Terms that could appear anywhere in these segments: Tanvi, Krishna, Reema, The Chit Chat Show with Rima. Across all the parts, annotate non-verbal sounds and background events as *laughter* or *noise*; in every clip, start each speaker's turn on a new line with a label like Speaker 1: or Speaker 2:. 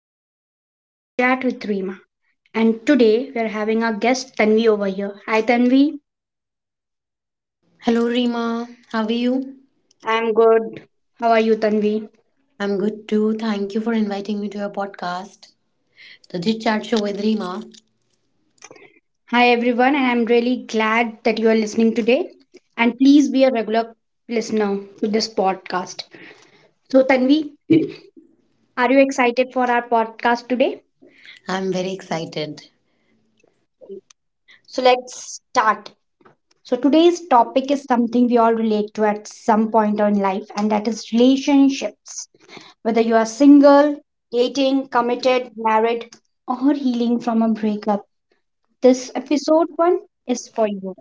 Speaker 1: welcome to Chit Chat with Reema. And today we're having our guest Tanvi over here. Hi, Tanvi.
Speaker 2: Hello, Rima. How are you?
Speaker 1: I'm good. How are you, Tanvi?
Speaker 2: I'm good too. Thank you for inviting me to your podcast, The Chit Chat Show with Rima.
Speaker 1: Hi, everyone, and I'm really glad that you are listening today. And please be a regular listener to this podcast. So, Tanvi, are you excited for our podcast today?
Speaker 2: I'm very excited.
Speaker 1: So, let's start. So, today's topic is something we all relate to at some point in life, and that is relationships. Whether you are single, dating, committed, married, or healing from a breakup, this episode one is for you.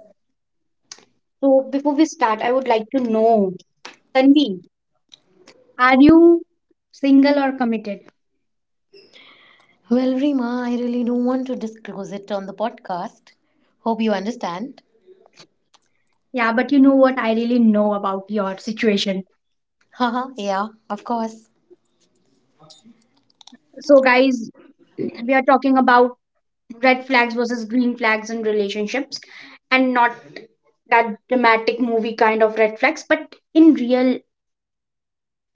Speaker 1: So, before we start, I would like to know Tanvi, are you single or committed?
Speaker 2: Well, Rima, I really don't want to disclose it on the podcast. Hope you understand.
Speaker 1: Yeah, but you know what? I really know about your situation.
Speaker 2: Haha, yeah, of course.
Speaker 1: So, guys, we are talking about red flags versus green flags in relationships, and not that dramatic movie kind of red flags, but in real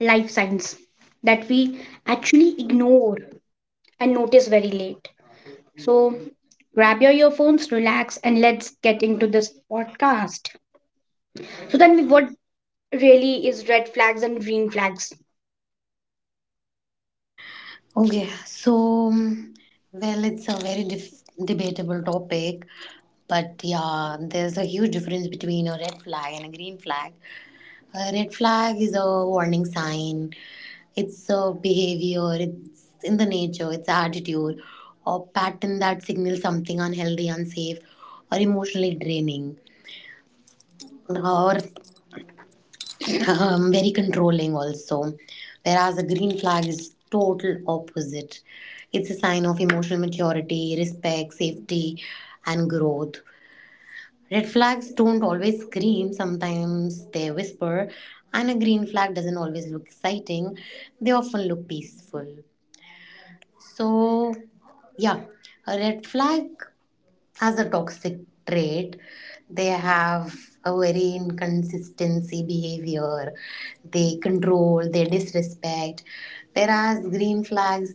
Speaker 1: life signs that we actually ignore and notice very late. So grab your earphones, relax, and let's get into this podcast. So then what really is red flags and green flags.
Speaker 2: Okay, so, well, it's a very debatable topic, but yeah, there's a huge difference between a red flag and a green flag. A red flag is a warning sign. It's a behavior, it's in the nature, it's attitude or pattern that signals something unhealthy, unsafe, or emotionally draining, or *clears throat* very controlling also. Whereas a green flag is total opposite. It's a sign of emotional maturity, respect, safety, and growth. Red flags don't always scream, sometimes they whisper, and a green flag doesn't always look exciting. They often look peaceful. So, yeah, a red flag, as a toxic trait, they have a very inconsistency behavior, they control, they disrespect. Whereas green flags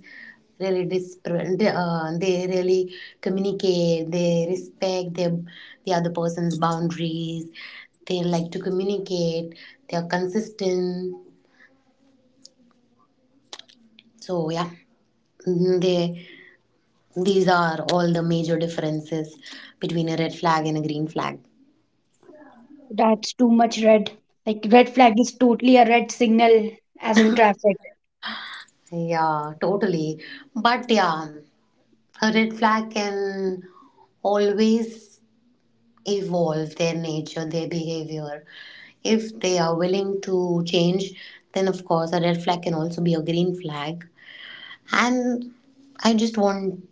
Speaker 2: really they really communicate, they respect the other person's boundaries, they like to communicate, they are consistent. So yeah, they these are all the major differences between a red flag and a green flag.
Speaker 1: That's too much red. Like red flag is totally a red signal, as in traffic.
Speaker 2: Yeah, totally. But yeah, a red flag can always evolve their nature, their behavior. If they are willing to change, then of course a red flag can also be a green flag. And I just want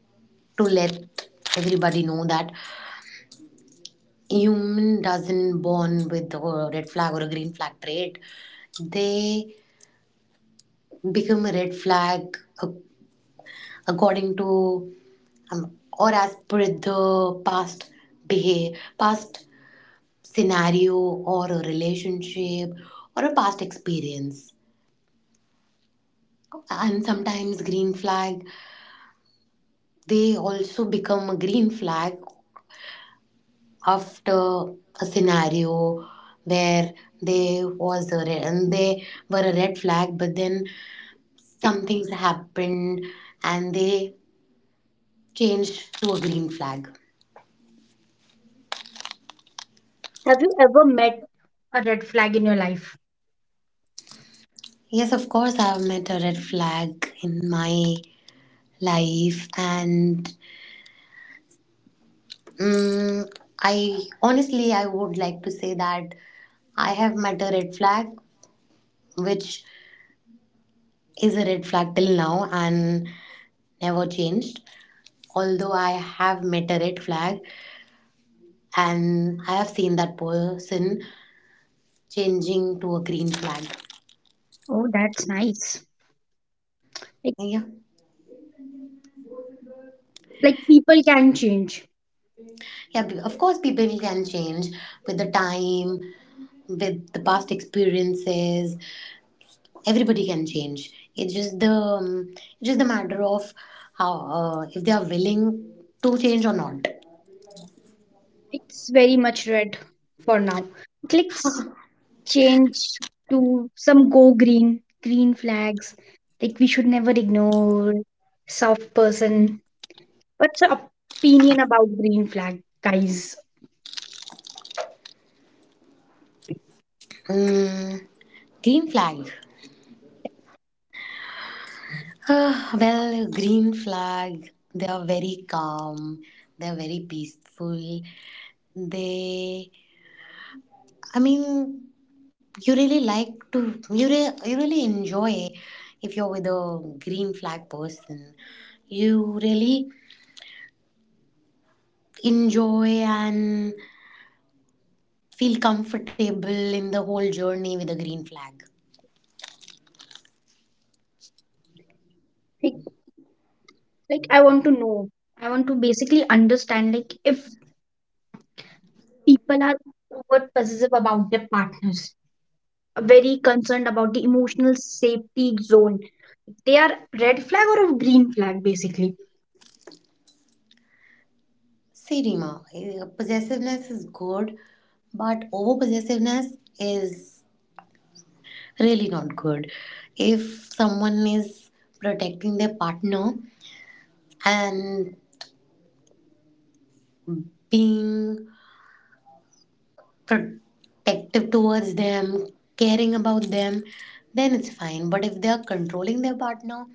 Speaker 2: to let everybody know that human doesn't born with a red flag or a green flag trait. They become a red flag a according to or as per the past past scenario or a relationship or a past experience. And sometimes green flag they also become a green flag after a scenario where they was a red, and they were a red flag, but then some things happened and they changed to a green flag.
Speaker 1: Have you ever met a red flag in your life?
Speaker 2: Yes, of course, I've met a red flag in my life, and mm I honestly I would like to say that I have met a red flag, which is a red flag till now and never changed. Although I have met a red flag, and I have seen that person changing to a green flag.
Speaker 1: Oh, that's nice. Like,
Speaker 2: Yeah,
Speaker 1: like, people can change.
Speaker 2: yeah. Of course, people can change with the time, with the past experiences, everybody can change. It's just the matter of how, if they are willing to change or not.
Speaker 1: It's very much red for now. Clicks change to some go green green flags, like we should never ignore soft person. What's your opinion about green flag guys?
Speaker 2: mm, green flag. Well, green flag, they are very calm, they are very peaceful, they, I mean, you really like to you really enjoy if you're with a green flag person. You really enjoy and feel comfortable in the whole journey with a green flag.
Speaker 1: Like, like i want to know. I want to basically understand, like, if people are over possessive about their partners, very concerned about the emotional safety zone, they are red flag or a green flag, basically.
Speaker 2: See, Rima, possessiveness is good, but over possessiveness is really not good. If someone is protecting their partner and being protective towards them, caring about them, then it's fine. But if they are controlling their partner,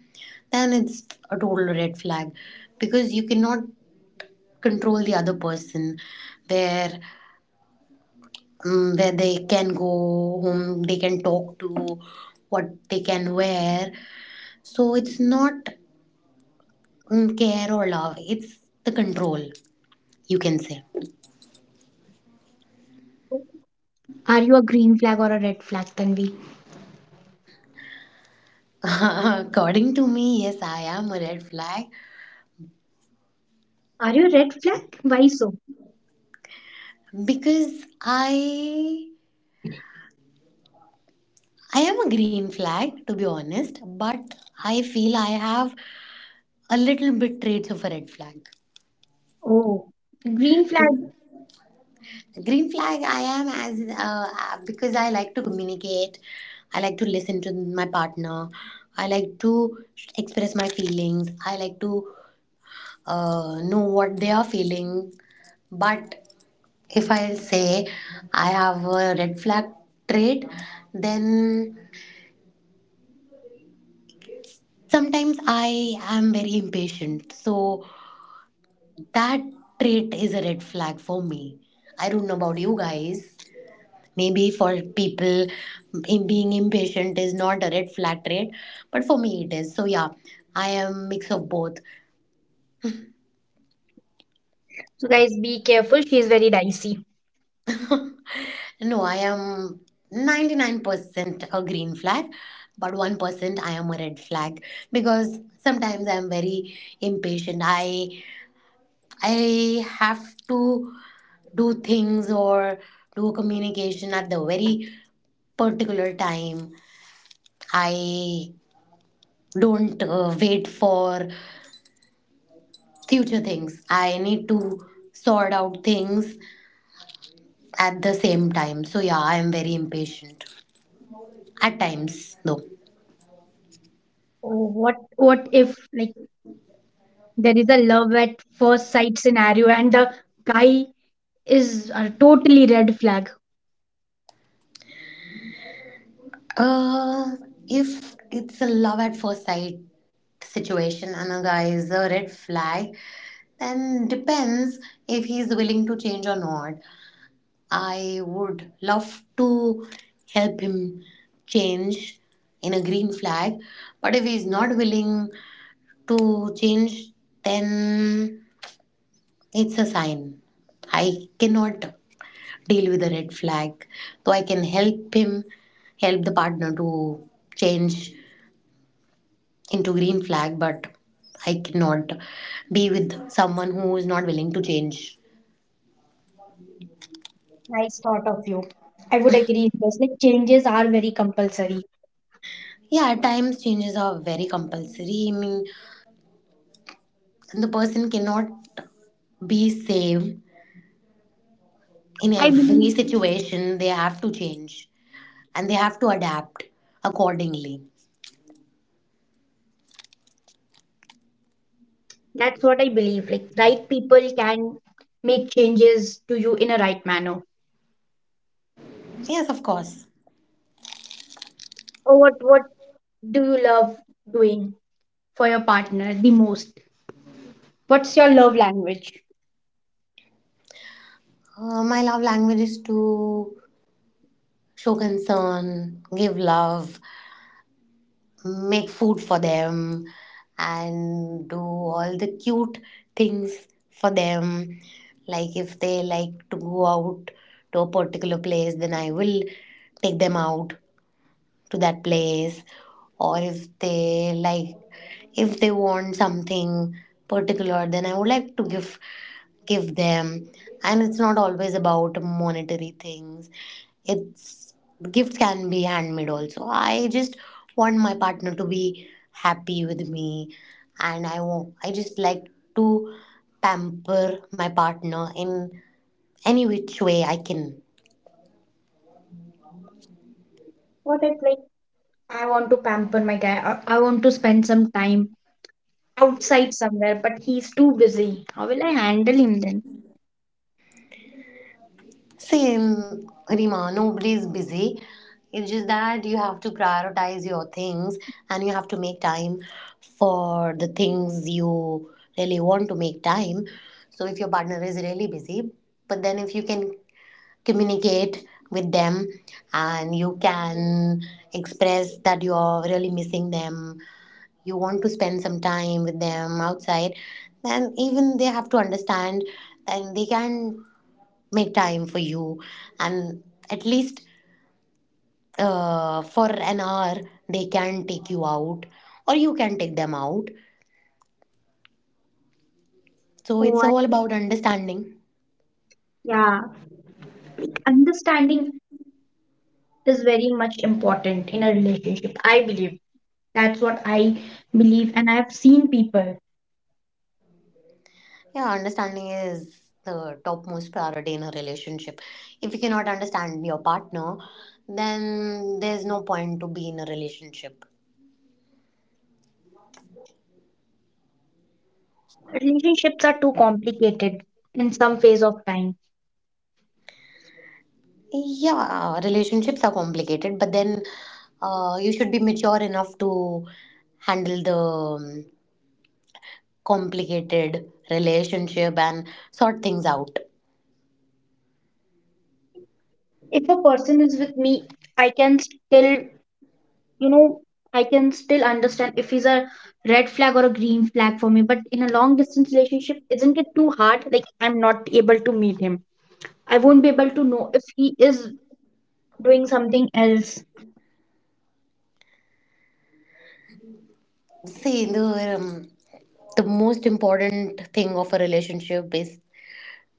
Speaker 2: then it's a total red flag, because you cannot control the other person where where they can go, whom they can talk to, what they can wear. So it's not care or love, it's the control, you can say.
Speaker 1: Are you a green flag or a red flag, Tanvi?
Speaker 2: *laughs* According to me, yes, I am a red flag,
Speaker 1: Are you a red flag? Why so?
Speaker 2: because I am a green flag, to be honest, but I feel I have a little bit traits of a red flag.
Speaker 1: Oh, green flag.
Speaker 2: Green flag, I am, as because I like to communicate. I like to listen to my partner. I like to express my feelings. I like to know what they are feeling. But if I say I have a red flag trait, then sometimes I am very impatient. So that trait is a red flag for me. I don't know about you guys. Maybe for people, being impatient is not a red flag trait, but for me it is. So yeah, I am mix of both.
Speaker 1: So guys, be careful. She is very dicey.
Speaker 2: No, I am 99% a green flag, but 1% I am a red flag, because sometimes I am very impatient. I have to do things or do communication at the very particular time. I don't wait for future things. I need to sort out things at the same time. So yeah, I am very impatient at times though.
Speaker 1: Oh, what if like there is a love at first sight scenario and the guy is a totally red flag.
Speaker 2: Uh, if it's a love at first sight situation and a guy is a red flag, then depends if he's willing to change or not. I would love to help him change in a green flag, but if he's not willing to change, then it's a sign. I cannot deal with a red flag, though I can help him, help the partner to change into green flag, but I cannot be with someone who is not willing to change.
Speaker 1: Nice thought of you. I would agree because like changes are very compulsory.
Speaker 2: Yeah, at times changes are very compulsory. I mean, the person cannot be same in
Speaker 1: I
Speaker 2: every
Speaker 1: believe.
Speaker 2: situation. They have to change and they have to adapt accordingly.
Speaker 1: That's what I believe. Like right people can make changes to you in a right manner.
Speaker 2: Yes, of course.
Speaker 1: Oh, what do you love doing for your partner the most? What's your love language?
Speaker 2: My love language is to show concern, give love, make food for them, and do all the cute things for them. Like if they like to go out to a particular place, then I will take them out to that place. Or if they like, if they want something particular, then I would like to give them. And it's not always about monetary things. It's, gifts can be handmade also. I just want my partner to be happy with me, and I want, I just like to pamper my partner in any which way I can.
Speaker 1: What if like I want to pamper my guy, or I want to spend some time outside somewhere, but he's too busy. How will I handle him then?
Speaker 2: Same, Rima. Nobody's busy. It's just that you have to prioritize your things, and you have to make time for the things you really want to make time. So, if your partner is really busy, but then if you can communicate with them, and you can express that you're really missing them, you want to spend some time with them outside, then even they have to understand, and they can make time for you, and at least for an hour they can take you out or you can take them out. So
Speaker 1: Oh,
Speaker 2: it's
Speaker 1: I,
Speaker 2: all about understanding.
Speaker 1: yeah. Understanding is very much important in a relationship. I believe, that's what I believe, and I have seen people.
Speaker 2: Yeah, understanding is the topmost priority in a relationship. If you cannot understand your partner, then there's no point to be in a relationship.
Speaker 1: Relationships are too complicated in some phase of time.
Speaker 2: Yeah, relationships are complicated, but then, you should be mature enough to handle the complicated relationship and sort things out.
Speaker 1: If a person is with me, I can still, you know, I can still understand if he's a red flag or a green flag for me. But in a long distance relationship, isn't it too hard? Like, I'm not able to meet him. I won't be able to know if he is doing something else.
Speaker 2: See, the most important thing of a relationship is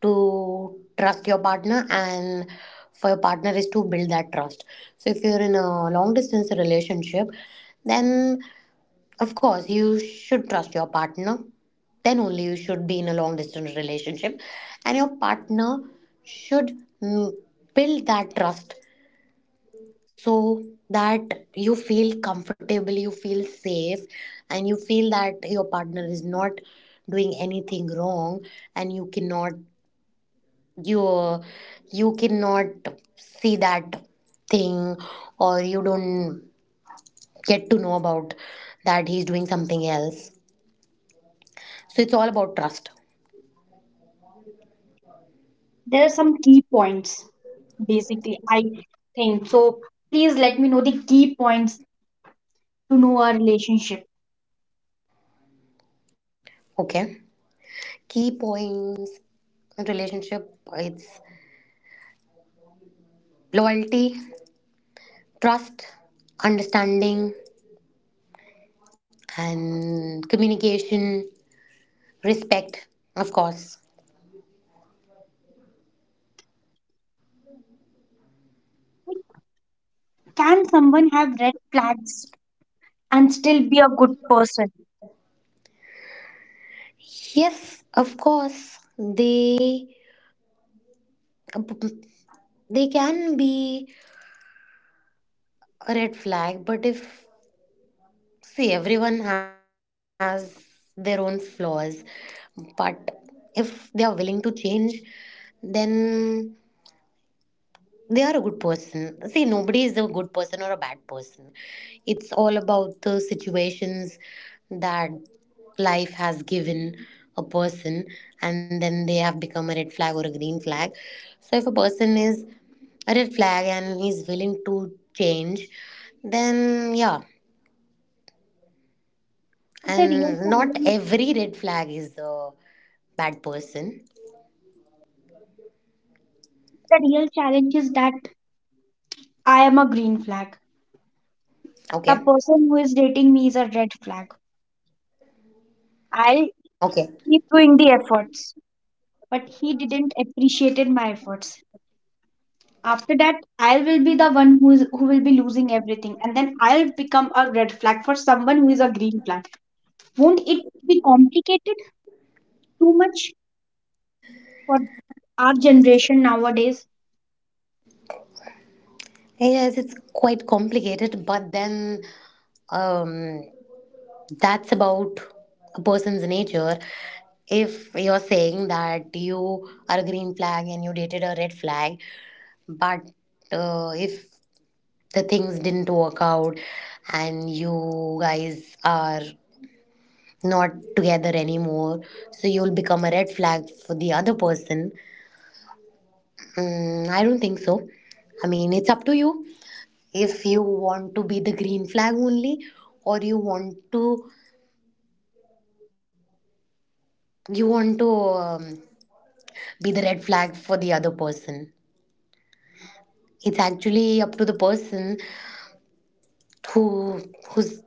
Speaker 2: to trust your partner, and for your partner is to build that trust. So if you're in a long distance relationship, then of course you should trust your partner. Then only you should be in a long distance relationship, and your partner should mm, build that trust, so that you feel comfortable, you feel safe, and you feel that your partner is not doing anything wrong, and you cannot you you cannot see that thing, or you don't get to know about that he's doing something else. So it's all about trust.
Speaker 1: There are some key points, basically, I think. So please let me know the key points to know our relationship.
Speaker 2: Okay. Key points in relationship, it's loyalty, trust, understanding, and communication, respect, of course.
Speaker 1: Can someone have red flags and still be a good person?
Speaker 2: Yes, of course, they can be a red flag, but if, see, everyone has their own flaws, but if they are willing to change, then they are a good person. See, nobody is a good person or a bad person. It's all about the situations that life has given a person, and then they have become a red flag or a green flag. So, if a person is a red flag and he's willing to change, then yeah,
Speaker 1: But
Speaker 2: and not every red flag is a bad person.
Speaker 1: the real challenge is that I am a green flag. The
Speaker 2: Okay,
Speaker 1: person who is dating me is a red flag. I'll
Speaker 2: okay.
Speaker 1: keep doing the efforts, but he didn't appreciated my efforts. After that, I will be the one who is who will be losing everything, and then I'll become a red flag for someone who is a green flag. Won't it be complicated too much for our generation nowadays?
Speaker 2: Yes, it's quite complicated, but then. Um, that's about a person's nature. If you're saying that you are a green flag and you dated a red flag, but if the things didn't work out and you guys are not together anymore, so you'll become a red flag for the other person. I don't think so. I mean, it's up to you if you want to be the green flag only, or you want to, you want to be the red flag for the other person. It's actually up to the person, who who's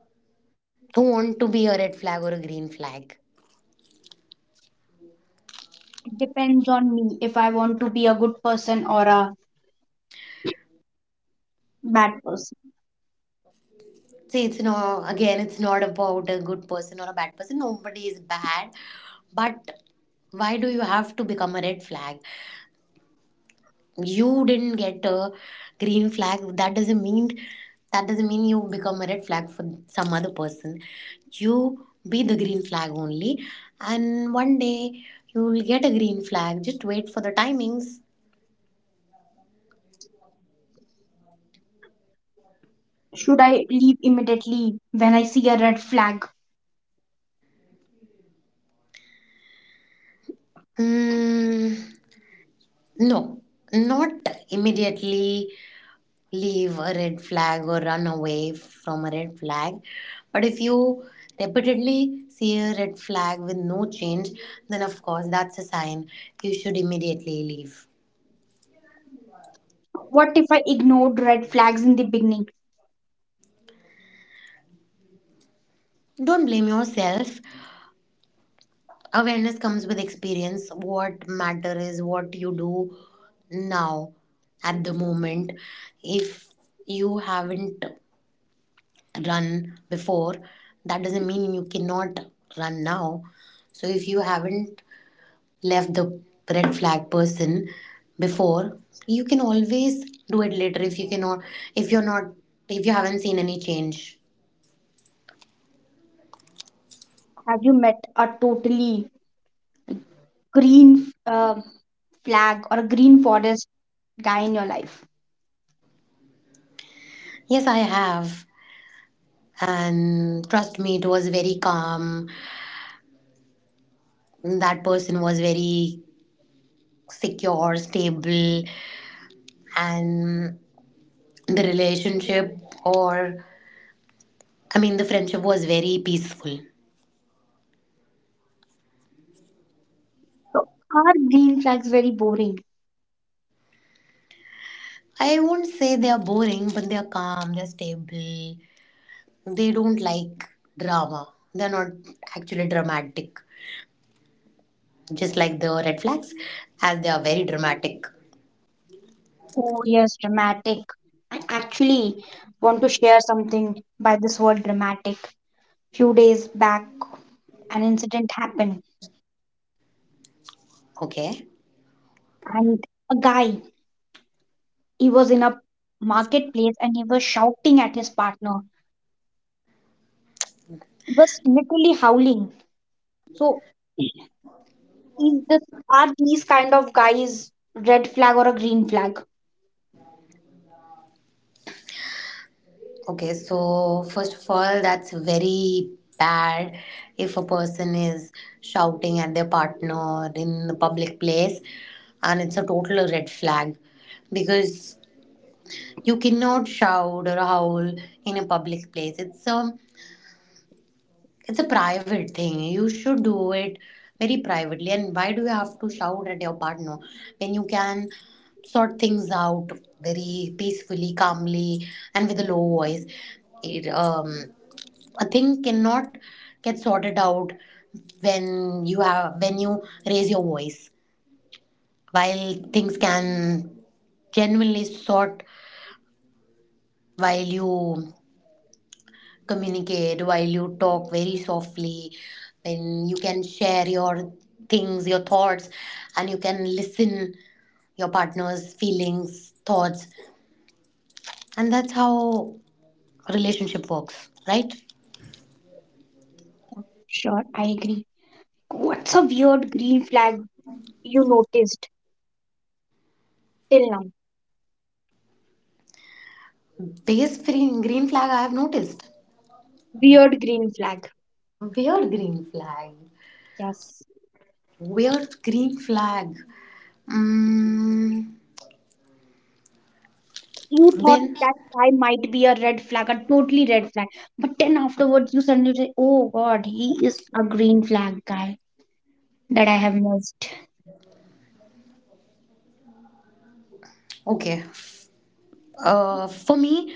Speaker 2: who want to be a red flag or a green flag.
Speaker 1: It depends on me if I want to be a good person or a bad person.
Speaker 2: See, it's not, again, it's not about a good person or a bad person. Nobody is bad, but why do you have to become a red flag? You didn't get a green flag, that doesn't mean you become a red flag for some other person. You be the green flag only, and one day you will get a green flag. Just wait for the timings.
Speaker 1: Should I leave immediately when I see a red flag?
Speaker 2: mm, no, not immediately leave a red flag or run away from a red flag. But if you repeatedly see a red flag with no change, then of course that's a sign you should immediately leave.
Speaker 1: What if I ignored red flags in the beginning?
Speaker 2: Don't blame yourself. Awareness comes with experience. What matter is what you do now at the moment. If you haven't run before, that doesn't mean you cannot run now. So if you haven't left the red flag person before, you can always do it later if you cannot if you're not if you haven't seen any change.
Speaker 1: Have you met a totally green flag or a green forest guy in your life?
Speaker 2: Yes, I have, and trust me, it was very calm. That person was very secure, stable, and the relationship, or, the friendship was very peaceful.
Speaker 1: So are green flags very boring?
Speaker 2: I won't say they are boring, but they are calm, they're stable. They don't like drama. They're not actually dramatic. Just like the red flags, as they are very dramatic.
Speaker 1: Oh yes, dramatic. I actually want to share something by this word dramatic. Few days back, an incident happened,
Speaker 2: Okay.
Speaker 1: and a guy, he was in a marketplace and he was shouting at his partner. He was literally howling. So is this, are these kind of guys red flag or a green flag?
Speaker 2: Okay, so first of all, that's very bad if a person is shouting at their partner in the public place, and it's a total red flag because you cannot shout or howl in a public place. It's a private thing. You should do it very privately. And why do you have to shout at your partner when you can sort things out very peacefully, calmly, and with a low voice? It, um, a thing cannot get sorted out when you raise your voice. While things can genuinely sort, while you communicate, while you talk very softly, when you can share your things your thoughts, and you can listen your partner's feelings thoughts, and that's how a relationship works, right?
Speaker 1: Sure, I agree. What's a weird green flag you noticed till now?
Speaker 2: Biggest green flag I have noticed.
Speaker 1: Weird green flag.
Speaker 2: Weird green flag.
Speaker 1: Yes.
Speaker 2: Weird green flag. mm,
Speaker 1: You thought
Speaker 2: Then
Speaker 1: that guy might be a red flag, a totally red flag. But then afterwards you suddenly say, Oh god, he is a green flag guy that I have missed.
Speaker 2: okay. For me,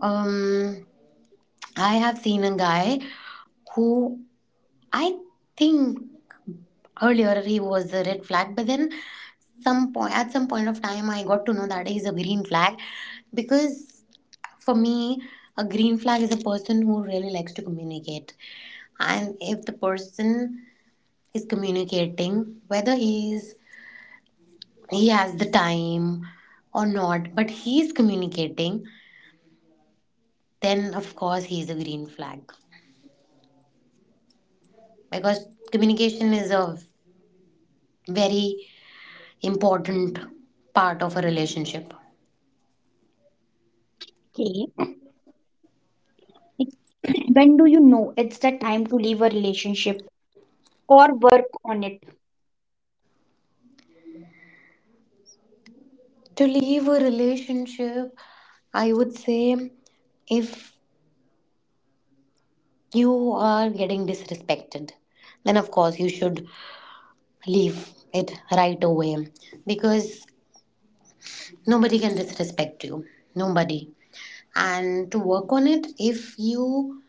Speaker 2: um, I have seen a guy who, I think, earlier he was a red flag, but then some point at some point of time I got to know that he's a green flag, because for me a green flag is a person who really likes to communicate. And if the person is communicating, whether he has the time or not, but he is communicating, then of course he is a green flag, because communication is a very important part of a relationship.
Speaker 1: Okay. *clears throat* When do you know it's the time to leave a relationship or work on it?
Speaker 2: To leave a relationship, I would say, if you are getting disrespected, then of course you should leave it right away, because nobody can disrespect you. Nobody. And to work on it, if you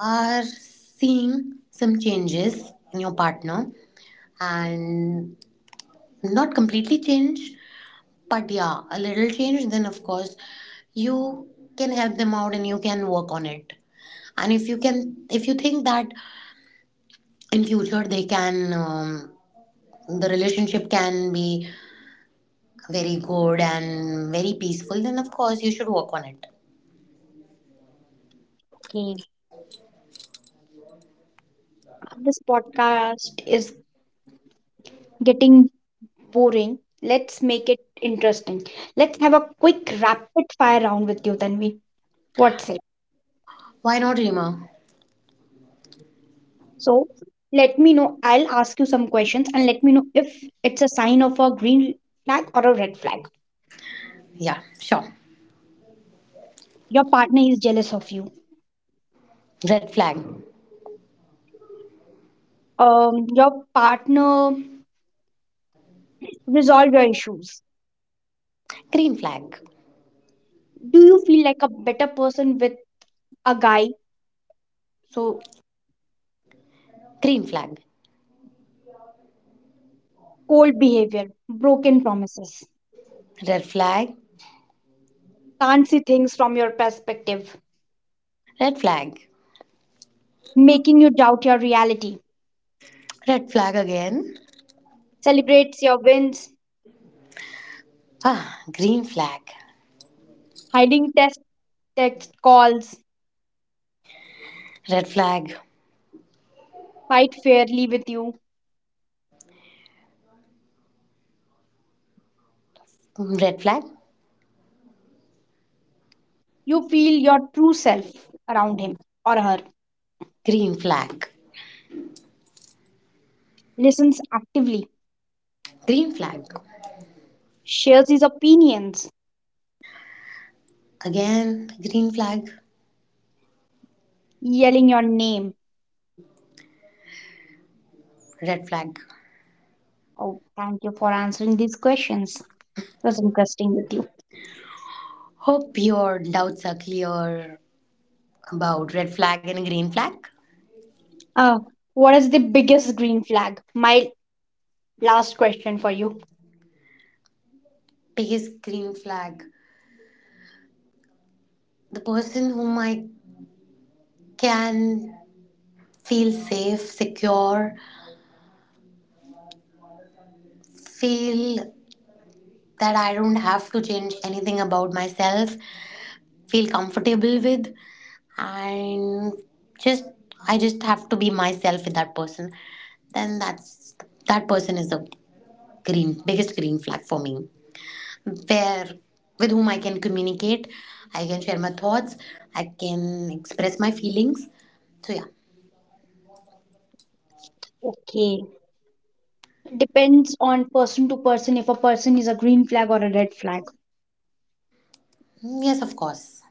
Speaker 2: are seeing some changes in your partner and not completely change, but yeah, a little change, then of course you can help them out and you can work on it. And if you can, if you think that in future the relationship can be very good and very peaceful, then of course you should work on it.
Speaker 1: Okay. This podcast is getting boring. Let's make it interesting. Let's have a quick rapid fire round with you, Tanvi. What's it?
Speaker 2: Why not, Rima?
Speaker 1: So let me know. I'll ask you some questions and let me know if it's a sign of a green flag or a red flag.
Speaker 2: Yeah, sure.
Speaker 1: Your partner is jealous of you.
Speaker 2: Red flag.
Speaker 1: Your partner resolve your issues.
Speaker 2: Green flag.
Speaker 1: Do you feel like a better person with a guy? So
Speaker 2: Green flag.
Speaker 1: cold behavior, broken promises,
Speaker 2: Red flag.
Speaker 1: can't see things from your perspective,
Speaker 2: Red flag.
Speaker 1: making you doubt your reality,
Speaker 2: Red flag again.
Speaker 1: celebrates your wins,
Speaker 2: Ah, green flag.
Speaker 1: hiding test text calls,
Speaker 2: Red flag.
Speaker 1: fight fairly with you.
Speaker 2: Red flag.
Speaker 1: You feel your true self around him or her,
Speaker 2: Green flag.
Speaker 1: listens actively,
Speaker 2: Green flag.
Speaker 1: shares his opinions,
Speaker 2: Again, green flag.
Speaker 1: yelling your name.
Speaker 2: Red flag.
Speaker 1: Oh, thank you for answering these questions. It was interesting with you.
Speaker 2: Hope your doubts are clear about red flag and green flag.
Speaker 1: Uh, what is the biggest green flag? My last question for you.
Speaker 2: Biggest green flag: the person whom I can feel safe, secure, feel that I don't have to change anything about myself, feel comfortable with, and just, I just have to be myself with that person. Then that's, that person is the green biggest green flag for me. Where, with whom I can communicate, I can share my thoughts, I can express my feelings. So yeah.
Speaker 1: Okay. Depends on person to person if a person is a green flag or a red flag.
Speaker 2: Yes, of course.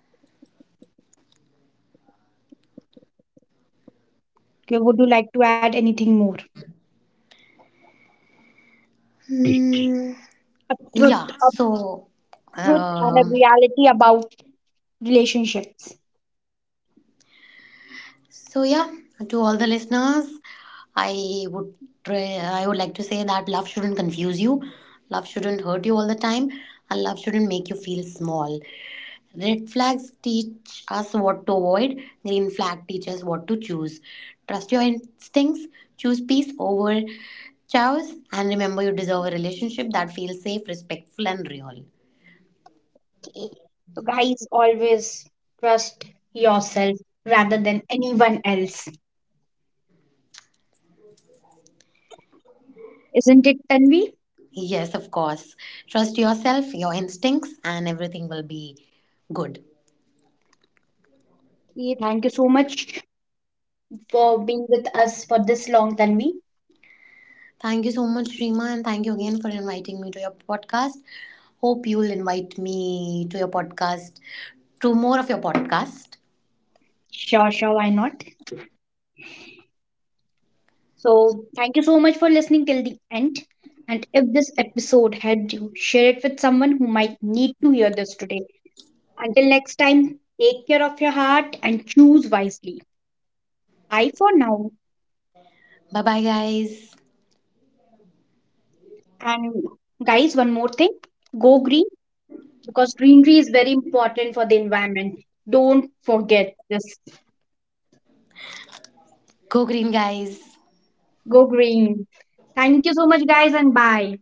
Speaker 1: Okay, would you like to add anything more?
Speaker 2: Yeah.
Speaker 1: A truth and a
Speaker 2: Um,
Speaker 1: reality about relationships.
Speaker 2: so yeah, to all the listeners, I would I would like to say that love shouldn't confuse you, love shouldn't hurt you all the time, and love shouldn't make you feel small. Red flags teach us what to avoid, green flag teaches what to choose. Trust your instincts, choose peace over chaos, and remember you deserve a relationship that feels safe, respectful, and real.
Speaker 1: So, guys, always trust yourself rather than anyone else. Isn't it, Tanvi?
Speaker 2: Yes, of course. Trust yourself, your instincts, and everything will be good.
Speaker 1: Yeah, thank you so much for being with us for this long, Tanvi.
Speaker 2: Thank you so much, Rima, and thank you again for inviting me to your podcast. Hope you'll invite me to your podcast, to more of your podcast.
Speaker 1: Sure, sure, why not? So, thank you so much for listening till the end. And if this episode helped you, share it with someone who might need to hear this today. Until next time, take care of your heart and choose wisely. Bye for now.
Speaker 2: Bye bye, guys.
Speaker 1: And guys, one more thing, go green, because greenery is very important for the environment. Don't forget this.
Speaker 2: Go green, guys.
Speaker 1: Go green. Thank you so much, guys, and bye.